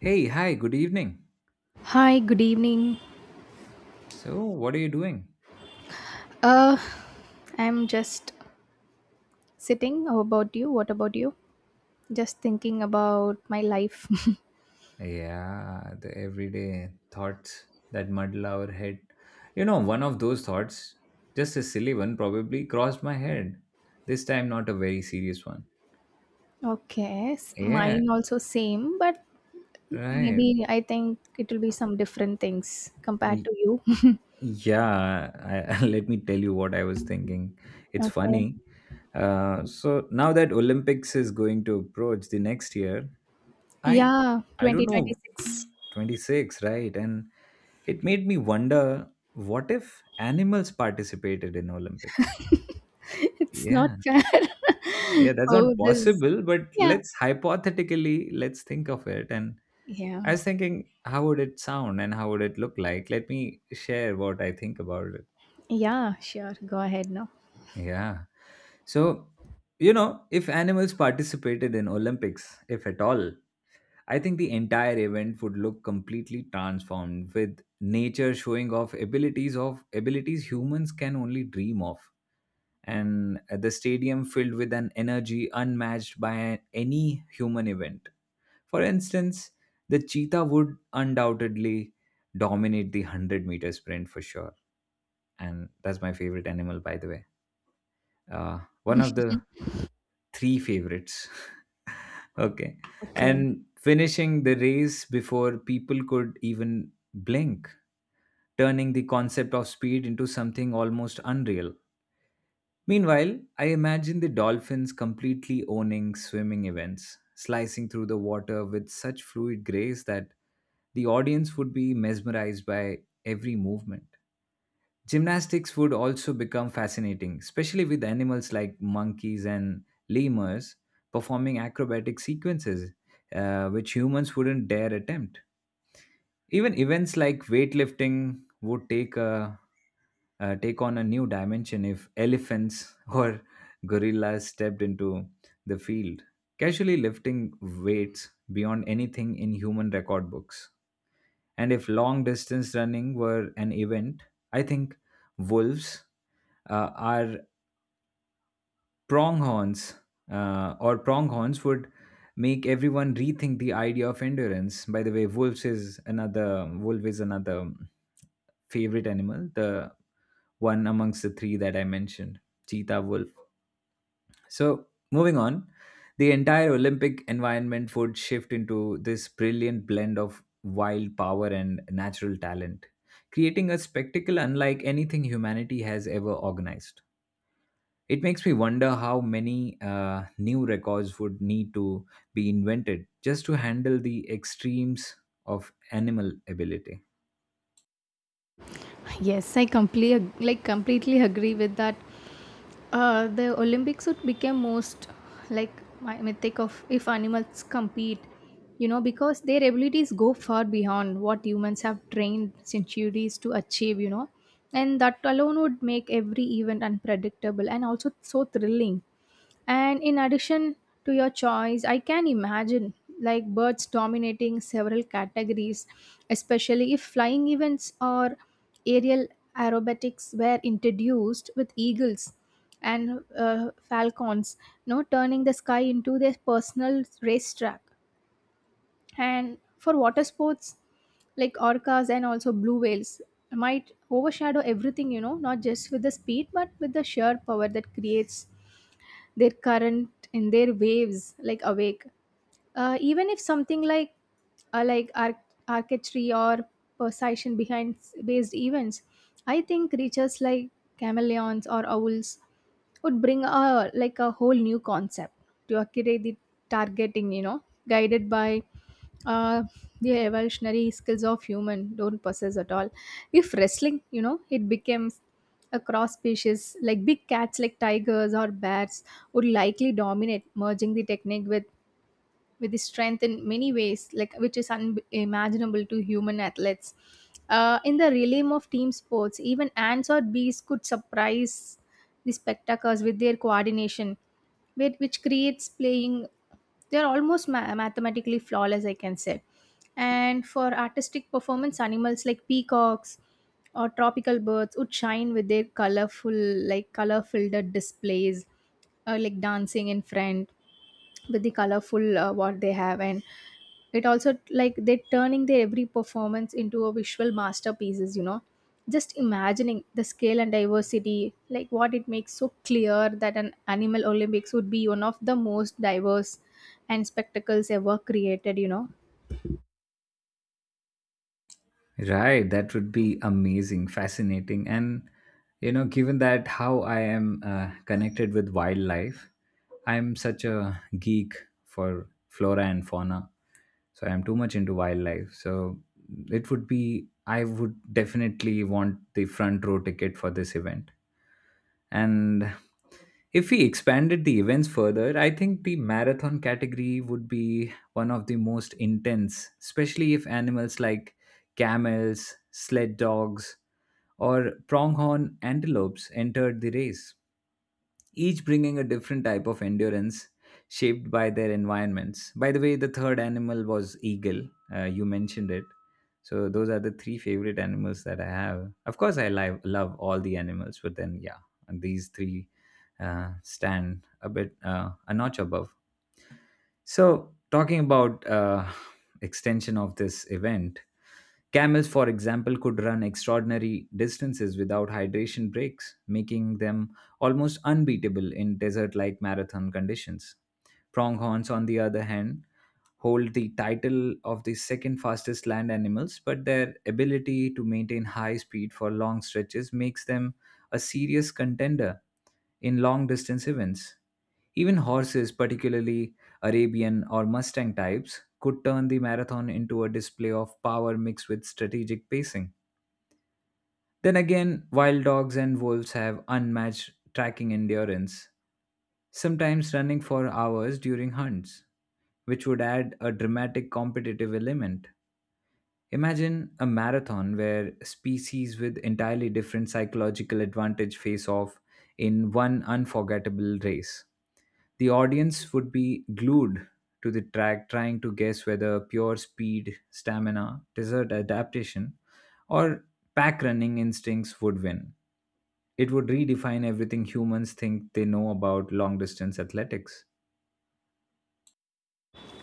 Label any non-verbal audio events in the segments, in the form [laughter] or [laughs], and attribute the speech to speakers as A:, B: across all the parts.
A: Hey, hi, good evening.
B: Hi, good evening.
A: So, what are you doing?
B: Uh, I'm just sitting. How about you? What about you? Just thinking about my life. [laughs]
A: Yeah, the everyday thoughts that muddle our head. You know, one of those thoughts, just a silly one, probably crossed my head. This time, not a very serious one.
B: Okay,
A: Yeah,
B: mine also same, but
A: right.
B: maybe I think it will be some different things compared
A: Y-
B: to you. [laughs]
A: Yeah, [laughs] let me tell you what I was thinking. It's
B: Okay.
A: funny. So now that Olympics is going to approach the next year, I
B: Yeah,
A: I don't know
B: 2026.
A: 26, right? And it made me wonder what if animals participated in Olympics?
B: [laughs] It's not
A: Yeah,
B: fair.
A: yeah,
B: [laughs]
A: that's
B: Oh,
A: not
B: this.
A: possible, but
B: Yeah.
A: let's hypothetically let's think of it. And
B: Yeah.
A: I was thinking, how would it sound and how would it look like? Let me share what I think about it.
B: Yeah, sure. Go ahead now.
A: Yeah. So, you know, if animals participated in Olympics, if at all, I think the entire event would look completely transformed with nature showing off abilities humans can only dream of, and the stadium filled with an energy unmatched by any human event. For instance, the cheetah would undoubtedly dominate the 100-meter sprint for sure, and that's my favorite animal, by the way. One of the three favorites. [laughs] Okay.
B: Okay.
A: And finishing the race before people could even blink, turning the concept of speed into something almost unreal. Meanwhile, I imagine the dolphins completely owning swimming events, slicing through the water with such fluid grace that the audience would be mesmerized by every movement. Gymnastics would also become fascinating, especially with animals like monkeys and lemurs performing acrobatic sequences, which humans wouldn't dare attempt. Even events like weightlifting would take on a new dimension if elephants [laughs] or gorillas stepped into the field, casually lifting weights beyond anything in human record books. And if long distance running were an event, I think wolves, our pronghorns or pronghorns would make everyone rethink the idea of endurance. By the way, wolves is another wolf is another favorite animal, the one amongst the three that I mentioned, cheetah, wolf. So moving on, the entire Olympic environment would shift into this brilliant blend of wild power and natural talent, creating a spectacle unlike anything humanity has ever organized. It makes me wonder how many new records would need to be invented just to handle the extremes of animal ability.
B: Yes, I completely agree with that. The Olympics would become most like my mythic of if animals compete, you know, because their abilities go far beyond what humans have trained centuries to achieve, you know, and that alone would make every event unpredictable and also so thrilling. And in addition to your choice, I can imagine like birds dominating several categories, especially if flying events or aerial aerobatics were introduced with eagles and falcons, you know, turning the sky into their personal racetrack. And for water sports, like orcas and also blue whales might overshadow everything, you know, not just with the speed but with the sheer power that creates their current in their waves like awake. Even if something like archetype or precision behind based events, I think creatures like chameleons or owls would bring a like a whole new concept to accurate the targeting, you know, guided by uh, the evolutionary skills of human don't possess at all. If wrestling, you know, it becomes a cross species like big cats like tigers or bears would likely dominate, merging the technique with his strength in many ways, like which is unimaginable to human athletes. In the realm of team sports, even ants or bees could surprise the spectators with their coordination, with, which creates playing. They're almost mathematically flawless, I can say. And for artistic performance, animals like peacocks or tropical birds would shine with their colorful, like color-filled displays, like dancing in front with the colorful what they have. And it also like they're turning their every performance into a visual masterpieces, you know, just imagining the scale and diversity like what it makes so clear that an animal Olympics would be one of the most diverse and spectacles ever created, you know.
A: Right, that would be amazing, fascinating. And, you know, given that how I am connected with wildlife, I'm such a geek for flora and fauna. So I'm too much into wildlife. So I would definitely want the front row ticket for this event. And if we expanded the events further, I think the marathon category would be one of the most intense, especially if animals like camels, sled dogs, or pronghorn antelopes entered the race, each bringing a different type of endurance shaped by their environments. By the way, the third animal was eagle. You mentioned it. So those are the three favorite animals that I have. Of course, love all the animals, but then yeah, and these three stand a bit, a notch above. So talking about [sighs] extension of this event, camels, for example, could run extraordinary distances without hydration breaks, making them almost unbeatable in desert like marathon conditions. Pronghorns, on the other hand, hold the title of the second fastest land animals, but their ability to maintain high speed for long stretches makes them a serious contender in long distance events. Even horses, particularly Arabian or Mustang types, could turn the marathon into a display of power mixed with strategic pacing. Then again, wild dogs and wolves have unmatched tracking endurance, sometimes running for hours during hunts, which would add a dramatic competitive element. Imagine a marathon where species with entirely different psychological advantage face off in one unforgettable race. The audience would be glued to the track, trying to guess whether pure speed, stamina, desert adaptation, or pack running instincts would win. It would redefine everything humans think they know about long distance athletics.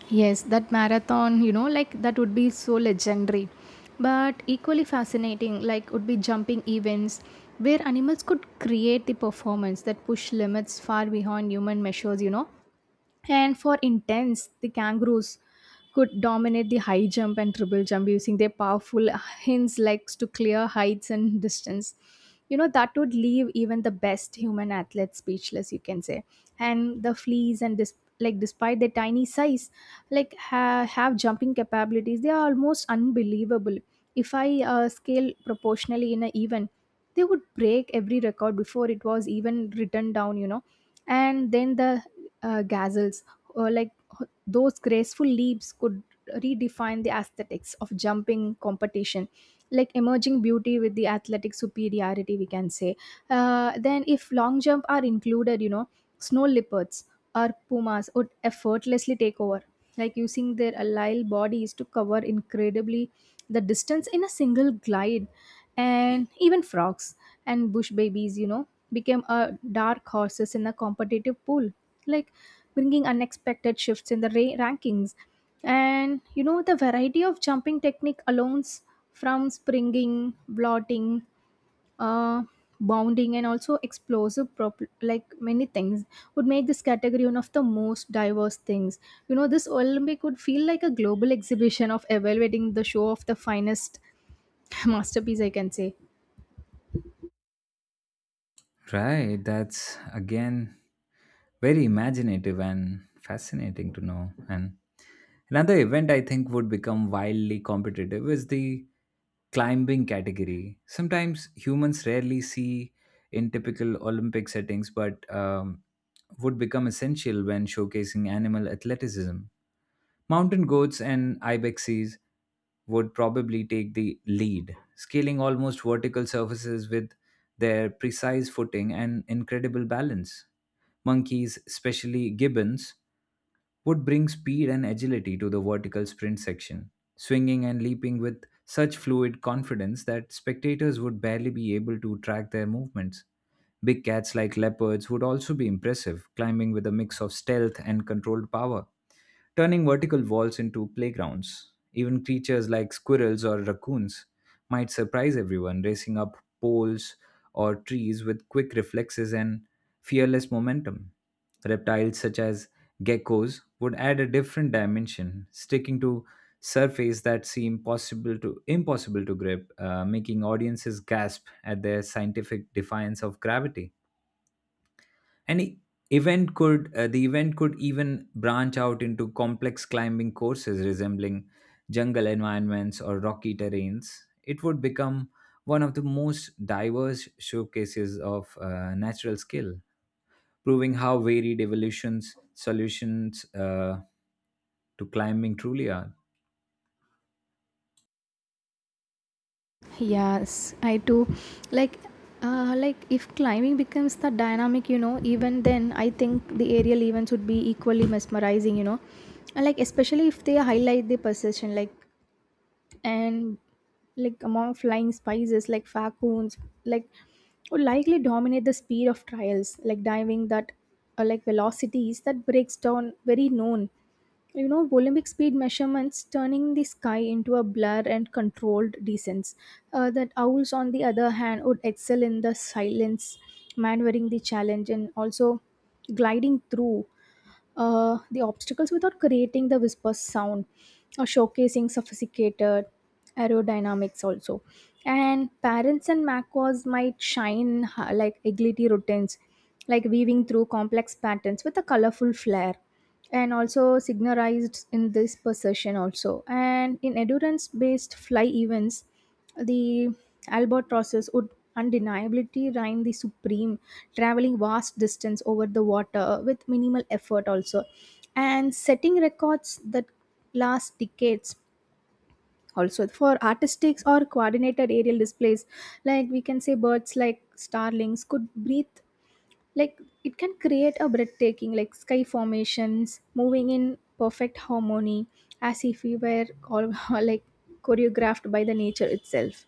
B: Yes, that marathon, you know, like that would be so legendary. But equally fascinating, like would be jumping events where animals could create the performance that push limits far beyond human measures, you know. And for intents, the kangaroos could dominate the high jump and triple jump using their powerful hinge legs to clear heights and distance. You know, that would leave even the best human athletes speechless, you can say. And the fleas, and like despite their tiny size, like have jumping capabilities, they are almost unbelievable. If I scale proportionally in an event, they would break every record before it was even written down, you know. And then the gazelles or like those graceful leaps could redefine the aesthetics of jumping competition, like emerging beauty with the athletic superiority, we can say. Then if long jump are included, you know, snow leopards or pumas would effortlessly take over, like using their allied bodies to cover incredibly the distance in a single glide. And even frogs and bush babies, you know, became dark horses in a competitive pool, like bringing unexpected shifts in the rankings. And you know, the variety of jumping technique alone, from springing, blotting, uh, bounding and also explosive like many things would make this category one of the most diverse things, you know. This Olympic would feel like a global exhibition of evaluating the show of the finest [laughs] masterpiece, I can say.
A: Right, that's again very imaginative and fascinating to know. And another event I think would become wildly competitive is the climbing category. Sometimes humans rarely see in typical Olympic settings, but would become essential when showcasing animal athleticism. Mountain goats and ibexes would probably take the lead, scaling almost vertical surfaces with their precise footing and incredible balance. Monkeys, especially gibbons, would bring speed and agility to the vertical sprint section, swinging and leaping with such fluid confidence that spectators would barely be able to track their movements. Big cats like leopards would also be impressive, climbing with a mix of stealth and controlled power, turning vertical walls into playgrounds. Even creatures like squirrels or raccoons might surprise everyone, racing up poles or trees with quick reflexes and fearless momentum. Reptiles such as geckos would add a different dimension, sticking to surface that seem possible to impossible to grip, making audiences gasp at their scientific defiance of gravity, and e- event could the event could even branch out into complex climbing courses resembling jungle environments or rocky terrains. It would become one of the most diverse showcases of natural skill, proving how varied evolutions solutions to climbing truly are.
B: Yes, I do. Like like if climbing becomes the dynamic, you know, even then I think the aerial events would be equally mesmerizing, you know. And like especially if they highlight the precision, like, and like among flying spices like falcons, like, would likely dominate the speed of trials like diving that like velocities that breaks down very known, you know, Olympic speed measurements, turning the sky into a blur and controlled descents. That owls on the other hand would excel in the silence, maneuvering the challenge and also gliding through the obstacles without creating the whisper sound, or showcasing sophisticated aerodynamics also. And parents and macros might shine like agility routines, like weaving through complex patterns with a colorful flair, and also signalized in this possession also. And in endurance based fly events, the albatrosses would undeniably reign the supreme, traveling vast distance over the water with minimal effort also, and setting records that last decades. Also for artistics or coordinated aerial displays, like we can say, birds like starlings could breathe, like it can create a breathtaking like sky formations, moving in perfect harmony as if we were all [laughs] like choreographed by the nature itself.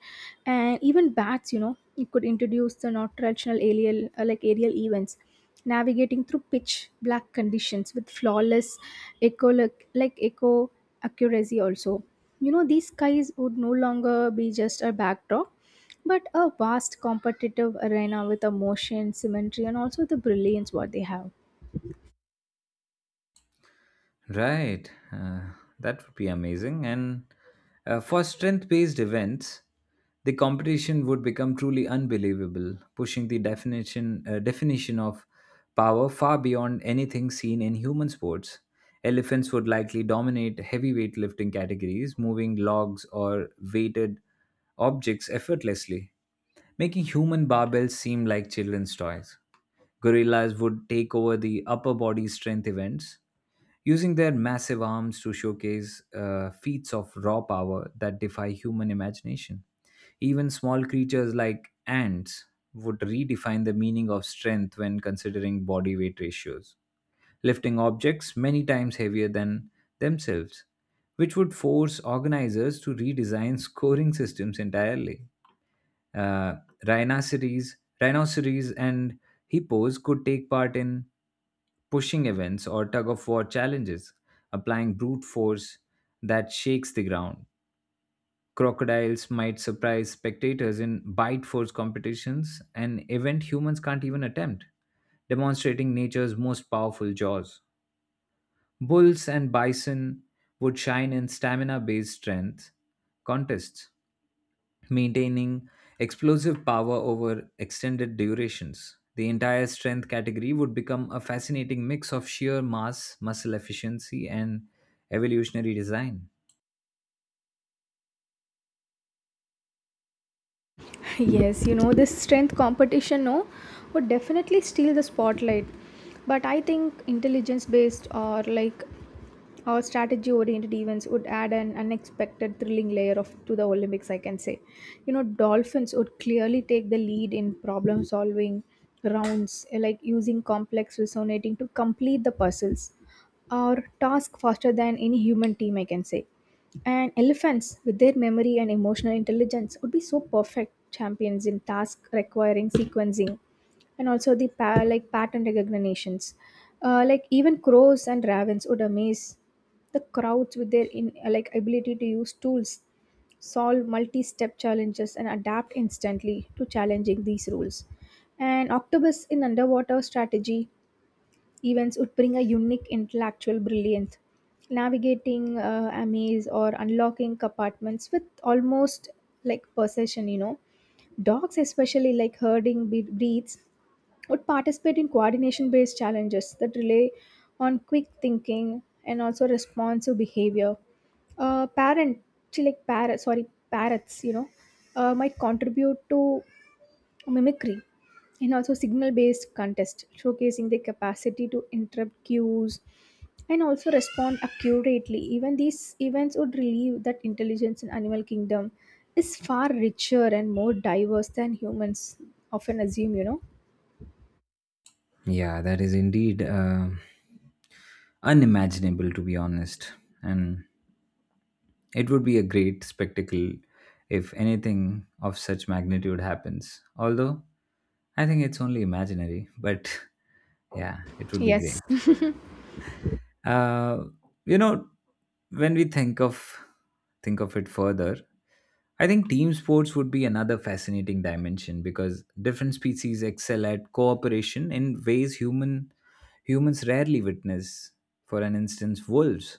B: And even bats, you know, it could introduce the not traditional aerial like aerial events, navigating through pitch black conditions with flawless echo like echo accuracy also. You know, these skies would no longer be just a backdrop, but a vast competitive arena with emotion, symmetry, and also the brilliance what they have.
A: Right. That would be amazing. And for strength based events, the competition would become truly unbelievable, pushing the definition of power far beyond anything seen in human sports. Elephants would likely dominate heavy weightlifting categories, moving logs or weighted objects effortlessly, making human barbells seem like children's toys. Gorillas would take over the upper body strength events, using their massive arms to showcase feats of raw power that defy human imagination. Even small creatures like ants would redefine the meaning of strength when considering body weight ratios, lifting objects many times heavier than themselves, which would force organizers to redesign scoring systems entirely. Uh, rhinoceros and hippos could take part in pushing events or tug of war challenges, applying brute force that shakes the ground. Crocodiles might surprise spectators in bite force competitions, an event humans can't even attempt, demonstrating nature's most powerful jaws. Bulls and bison would shine in stamina based strength contests, maintaining explosive power over extended durations. The entire strength category would become a fascinating mix of sheer mass, muscle efficiency, and evolutionary design.
B: [laughs] Yes, you know, this strength competition, no, would definitely steal the spotlight. But I think intelligence based or like our strategy oriented events would add an unexpected thrilling layer of to the Olympics, I can say. You know, dolphins would clearly take the lead in problem solving rounds, like using complex resonating to complete the puzzles or task faster than any human team, I can say. And elephants, with their memory and emotional intelligence, would be so perfect champions in tasks requiring sequencing and also the like pattern recognitions. Like, even crows and ravens would amaze the crowds with their in like ability to use tools, solve multi-step challenges and adapt instantly to challenging these rules. And octopus in underwater strategy events would bring a unique intellectual brilliance, navigating a maze or unlocking compartments with almost like possession, you know. Dogs, especially like herding breeds, would participate in coordination based challenges that rely on quick thinking and also responsive behavior. Parent she like parrot sorry Parrots, you know, might contribute to mimicry and also signal based contest, showcasing their capacity to interrupt cues and also respond accurately. Even these events would relieve that intelligence in animal kingdom is far richer and more diverse than humans often assume, you know.
A: Yeah, that is indeed unimaginable, to be honest. And it would be a great spectacle if anything of such magnitude happens. Although I think it's only imaginary, but [laughs] yeah, it would be
B: Yes.
A: great. Uh, you know, when we think of it further, I think team sports would be another fascinating dimension because different species excel at cooperation in ways humans rarely witness. For an instance, wolves.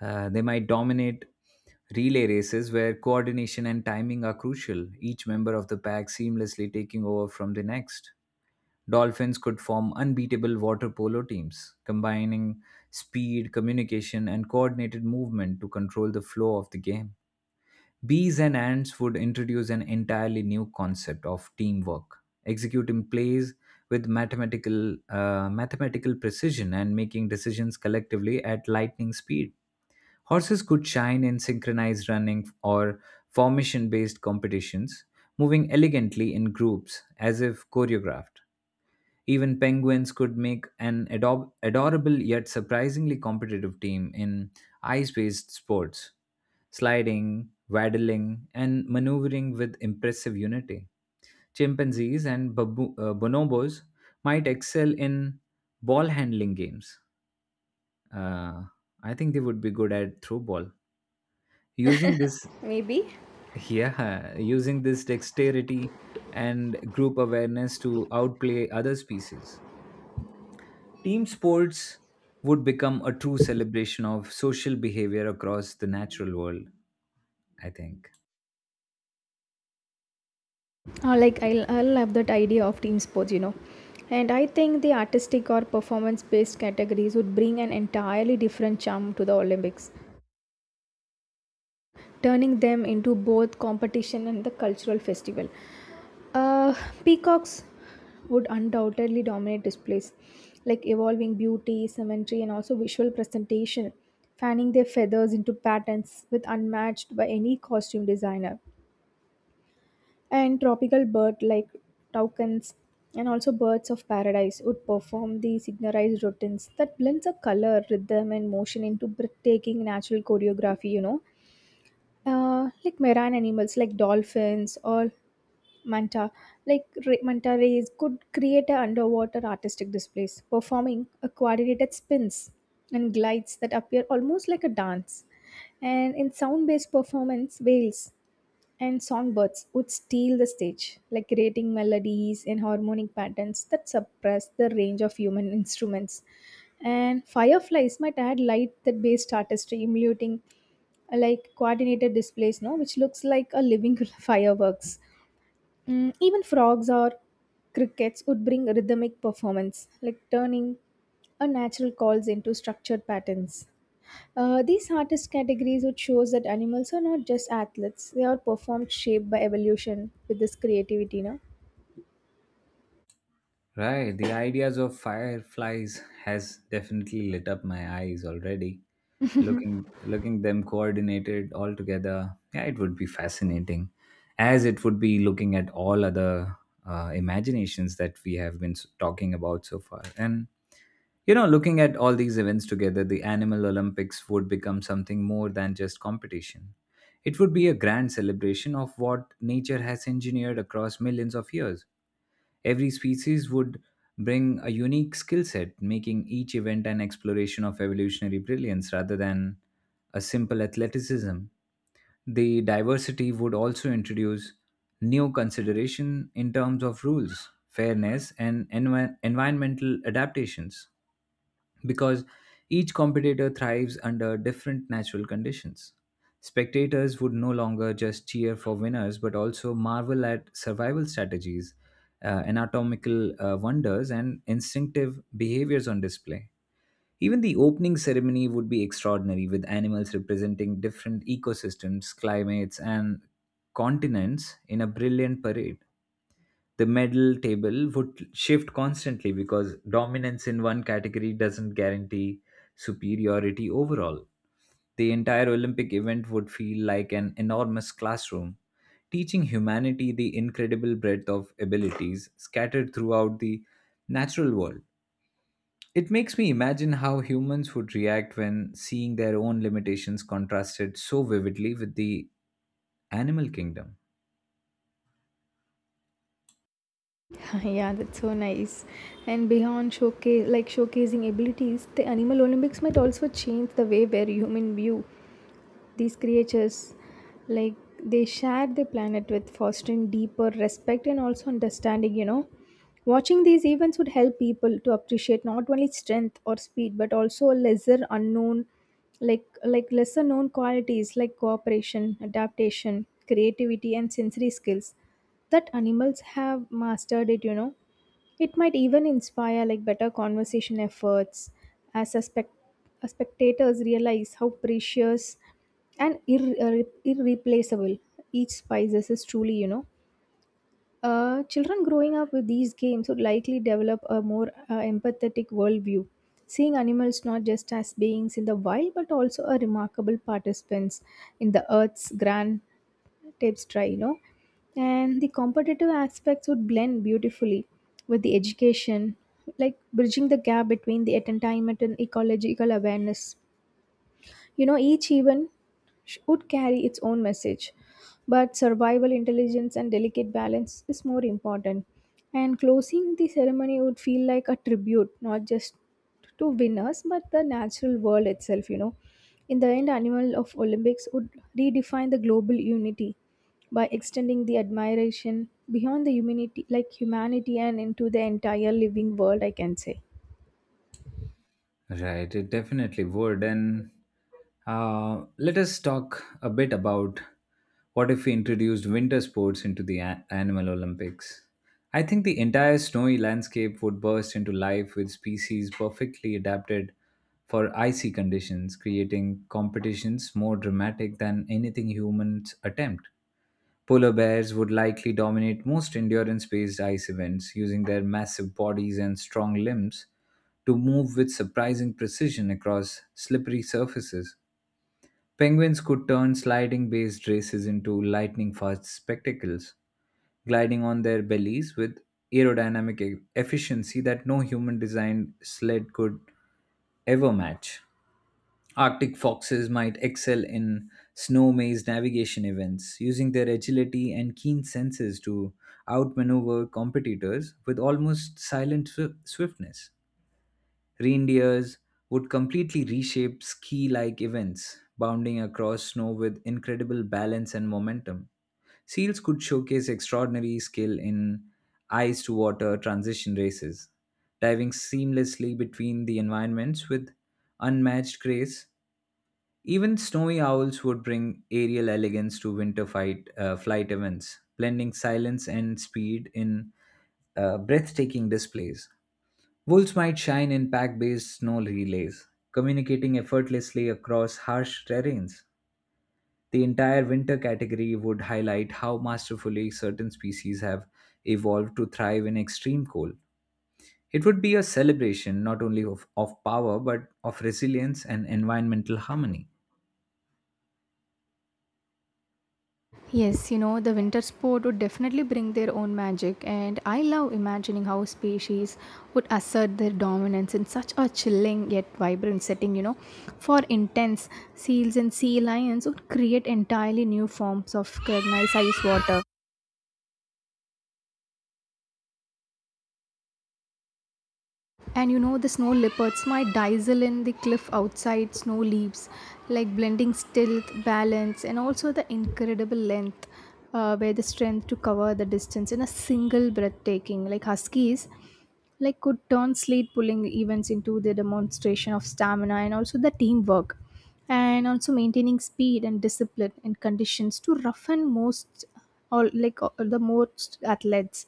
A: They might dominate relay races where coordination and timing are crucial, each member of the pack seamlessly taking over from the next. Dolphins could form unbeatable water polo teams, combining speed, communication, and coordinated movement to control the flow of the game. Bees and ants would introduce an entirely new concept of teamwork, executing plays with mathematical precision and making decisions collectively at lightning speed. Horses could shine in synchronized running or formation based competitions, moving elegantly in groups as if choreographed. Even penguins could make an adorable yet surprisingly competitive team in ice based sports, sliding, waddling, and maneuvering with impressive unity. Chimpanzees and bonobos might excel in ball handling games. Uh, I think they would be good at throw ball. Using this,
B: Maybe.
A: [laughs] yeah, using this dexterity and group awareness to outplay other species. Team sports would become a true celebration of social behavior across the natural world, I think.
B: Like I will love that idea of team sports, you know. And I think the artistic or performance based categories would bring an entirely different charm to the Olympics, turning them into both competition and the cultural festival. Uh, Peacocks would undoubtedly dominate displays, like evolving beauty, symmetry, and also visual presentation, fanning their feathers into patterns with unmatched by any costume designer. And tropical bird like toucans and also birds of paradise would perform the signarized routines that blends a color rhythm and motion into breathtaking natural choreography, you know. Like marine animals like dolphins or manta manta rays could create a underwater artistic displays, performing a coordinated spins and glides that appear almost like a dance. And in sound based performance, whales and songbirds would steal the stage, like creating melodies and harmonic patterns that suppress the range of human instruments. And fireflies might add light that based artistry, emulating like coordinated displays, no, which looks like a living [laughs] fireworks. Mm, even frogs or crickets would bring rhythmic performance, like turning a natural calls into structured patterns. These artist categories would shows that animals are not just athletes; they are performed shaped by evolution with this creativity, no?
A: Right, the ideas of fireflies has definitely lit up my eyes already. Looking them coordinated all together, yeah, it would be fascinating, as it would be looking at all other imaginations that we have been talking about so far. And you know, looking at all these events together, the Animal Olympics would become something more than just competition. It would be a grand celebration of what nature has engineered across millions of years. Every species would bring a unique skill set, making each event an exploration of evolutionary brilliance rather than a simple athleticism. The diversity would also introduce new consideration in terms of rules, fairness, and environmental adaptations because each competitor thrives under different natural conditions. Spectators would no longer just cheer for winners but also marvel at survival strategies, anatomical wonders, and instinctive behaviors on display. Even the opening ceremony would be extraordinary, with animals representing different ecosystems, climates, and continents in a brilliant parade. The medal table would shift constantly because dominance in one category doesn't guarantee superiority overall. The entire Olympic event would feel like an enormous classroom, teaching humanity the incredible breadth of abilities scattered throughout the natural world. It makes me imagine how humans would react when seeing their own limitations contrasted so vividly with the animal kingdom.
B: [laughs] Yeah, that's so nice. And beyond showcase like showcasing abilities, the animal Olympics might also change the way where human view these creatures like they share the planet with, fostering deeper respect and also understanding, you know. Watching these events would help people to appreciate not only strength or speed but also lesser unknown lesser known qualities like cooperation, adaptation, creativity and sensory skills that animals have mastered it, you know. It might even inspire like better conversation efforts, as a spectators realize how precious and irreplaceable each spices is truly, you know. Children growing up with these games would likely develop a more empathetic worldview, seeing animals not just as beings in the wild but also a remarkable participants in the earth's grand tapes try, you know. And the competitive aspects would blend beautifully with the education, like bridging the gap between the entertainment and ecological awareness, you know. Each event would carry its own message, but survival intelligence and delicate balance is more important. And closing the ceremony would feel like a tribute, not just to winners, but the natural world itself, you know. In the end, Animal of Olympics would redefine the global unity by extending the admiration beyond the humanity like humanity and into the entire living world, I can say.
A: Right, it definitely would. And let us talk a bit about what if we introduced winter sports into the Animal Olympics. I think the entire snowy landscape would burst into life with species perfectly adapted for icy conditions, creating competitions more dramatic than anything humans attempt. Polar bears would likely dominate most endurance based ice events, using their massive bodies and strong limbs to move with surprising precision across slippery surfaces. Penguins could turn sliding based races into lightning fast spectacles, gliding on their bellies with aerodynamic efficiency that no human designed sled could ever match. Arctic foxes might excel in snow maze navigation events, using their agility and keen senses to outmaneuver competitors with almost silent swiftness. Reindeers would completely reshape ski like events, bounding across snow with incredible balance and momentum. Seals could showcase extraordinary skill in ice to water transition races, diving seamlessly between the environments with unmatched grace. Even snowy owls would bring aerial elegance to winter flight events, blending silence and speed in breathtaking displays. Wolves might shine in pack based snow relays, communicating effortlessly across harsh terrains. The entire winter category would highlight how masterfully certain species have evolved to thrive in extreme cold. It would be a celebration not only of power but of resilience and environmental harmony.
B: Yes, you know, the winter sport would definitely bring their own magic, and I love imagining how species would assert their dominance in such a chilling yet vibrant setting. You know, for intense, seals and sea lions would create entirely new forms of recognized ice water. And you know, the snow leopards might dazzle in the cliff outside snow leaves, like blending stealth, balance, and also the incredible length where the strength to cover the distance in a single breathtaking. Like huskies, like, could turn slate pulling events into the demonstration of stamina and also the teamwork, and also maintaining speed and discipline in conditions to roughen most, or like the most athletes.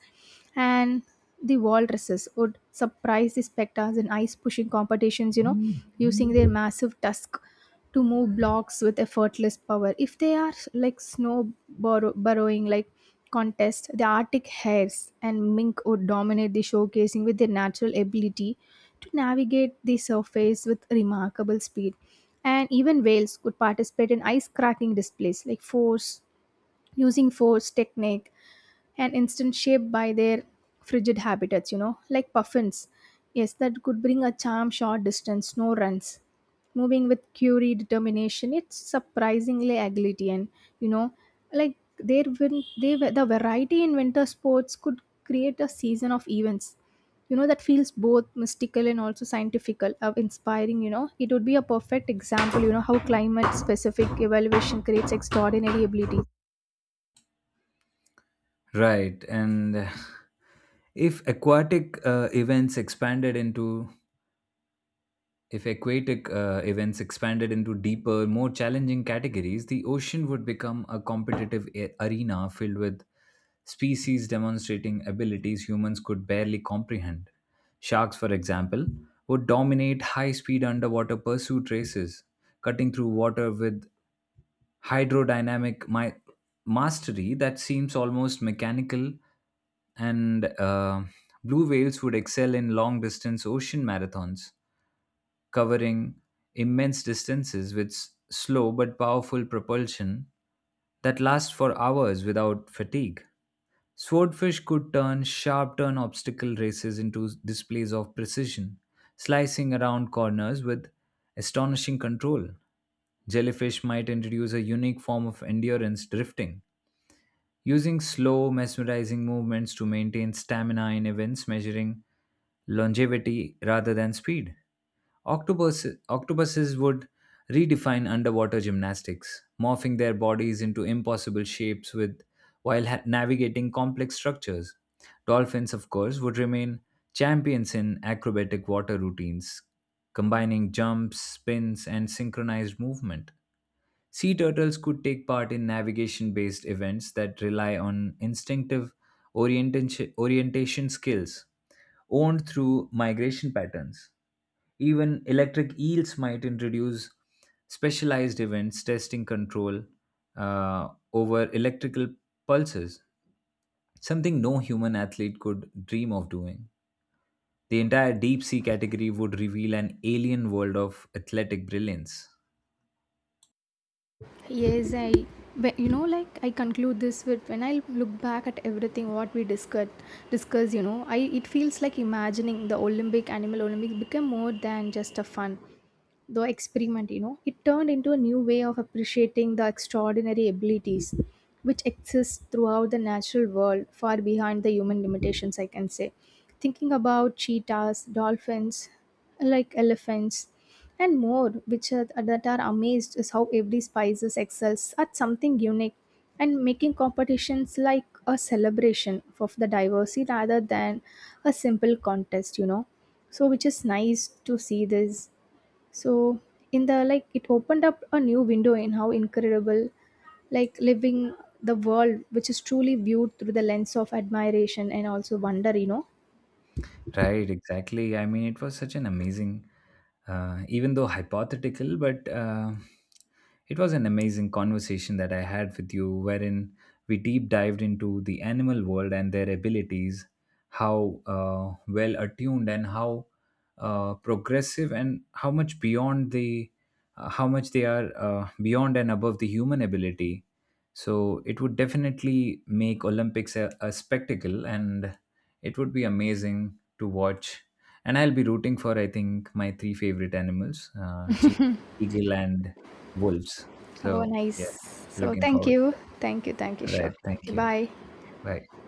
B: And the walruses would surprise the specters in ice pushing competitions, you know, using their massive tusk to move blocks with effortless power. If they are like snow burrowing, like contest, the Arctic hares and mink would dominate the showcasing with their natural ability to navigate the surface with remarkable speed. And even whales could participate in ice cracking displays, like force using force technique and instant shaped by their frigid habitats, you know, like puffins. Yes, that could bring a charm short distance, no runs. Moving with curie determination, it's surprisingly agility. And you know, like there will they the variety in winter sports could create a season of events. You know that feels both mystical and also scientifical, of inspiring. You know, it would be a perfect example. You know how climate-specific evaluation creates extraordinary ability.
A: Right, and if aquatic events expanded into if aquatic events expanded into deeper, more challenging categories, the ocean would become a competitive arena filled with species demonstrating abilities humans could barely comprehend. Sharks, for example, would dominate high speed underwater pursuit races, cutting through water with hydrodynamic my mastery that seems almost mechanical. And blue whales would excel in long distance ocean marathons, covering immense distances with slow but powerful propulsion that lasts for hours without fatigue. Swordfish could turn sharp turn obstacle races into displays of precision, slicing around corners with astonishing control. Jellyfish might introduce a unique form of endurance drifting, using slow, mesmerizing movements to maintain stamina in events measuring longevity rather than speed. Octopuses would redefine underwater gymnastics, morphing their bodies into impossible shapes with while navigating complex structures. Dolphins, of course, would remain champions in acrobatic water routines, combining jumps, spins, and synchronized movement. Sea turtles could take part in navigation based events that rely on instinctive orientation skills owned through migration patterns. Even electric eels might introduce specialized events testing control over electrical pulses, something no human athlete could dream of doing. The entire deep sea category would reveal an alien world of athletic brilliance.
B: Yes, I, but you know, like I conclude this with when I look back at everything what we discussed, discuss, you know, I it feels like imagining the Olympic animal Olympic became more than just a fun the experiment, you know. It turned into a new way of appreciating the extraordinary abilities which exist throughout the natural world far behind the human limitations, I can say. Thinking about cheetahs, dolphins, like elephants and more, which are, that are amazed is how every species excels at something unique, and making competitions like a celebration of the diversity rather than a simple contest, you know. So which is nice to see this. So in the like, it opened up a new window in how incredible, like, living the world which is truly viewed through the lens of admiration and also wonder, you know.
A: Right, exactly. I mean, it was such an amazing, even though hypothetical, but it was an amazing conversation that I had with you, wherein we deep dived into the animal world and their abilities, how well attuned and how progressive and how much beyond how much they are beyond and above the human ability. So it would definitely make Olympics a spectacle, and it would be amazing to watch. And I'll be rooting for, I think, my three favorite animals, chief, eagle, and wolves.
B: Oh,
A: So, yeah,
B: nice. So
A: looking
B: thank
A: forward to
B: you.
A: that.
B: Thank you. Thank you.
A: All
B: Sure.
A: right.
B: Okay,
A: Thank you.
B: bye.
A: Bye.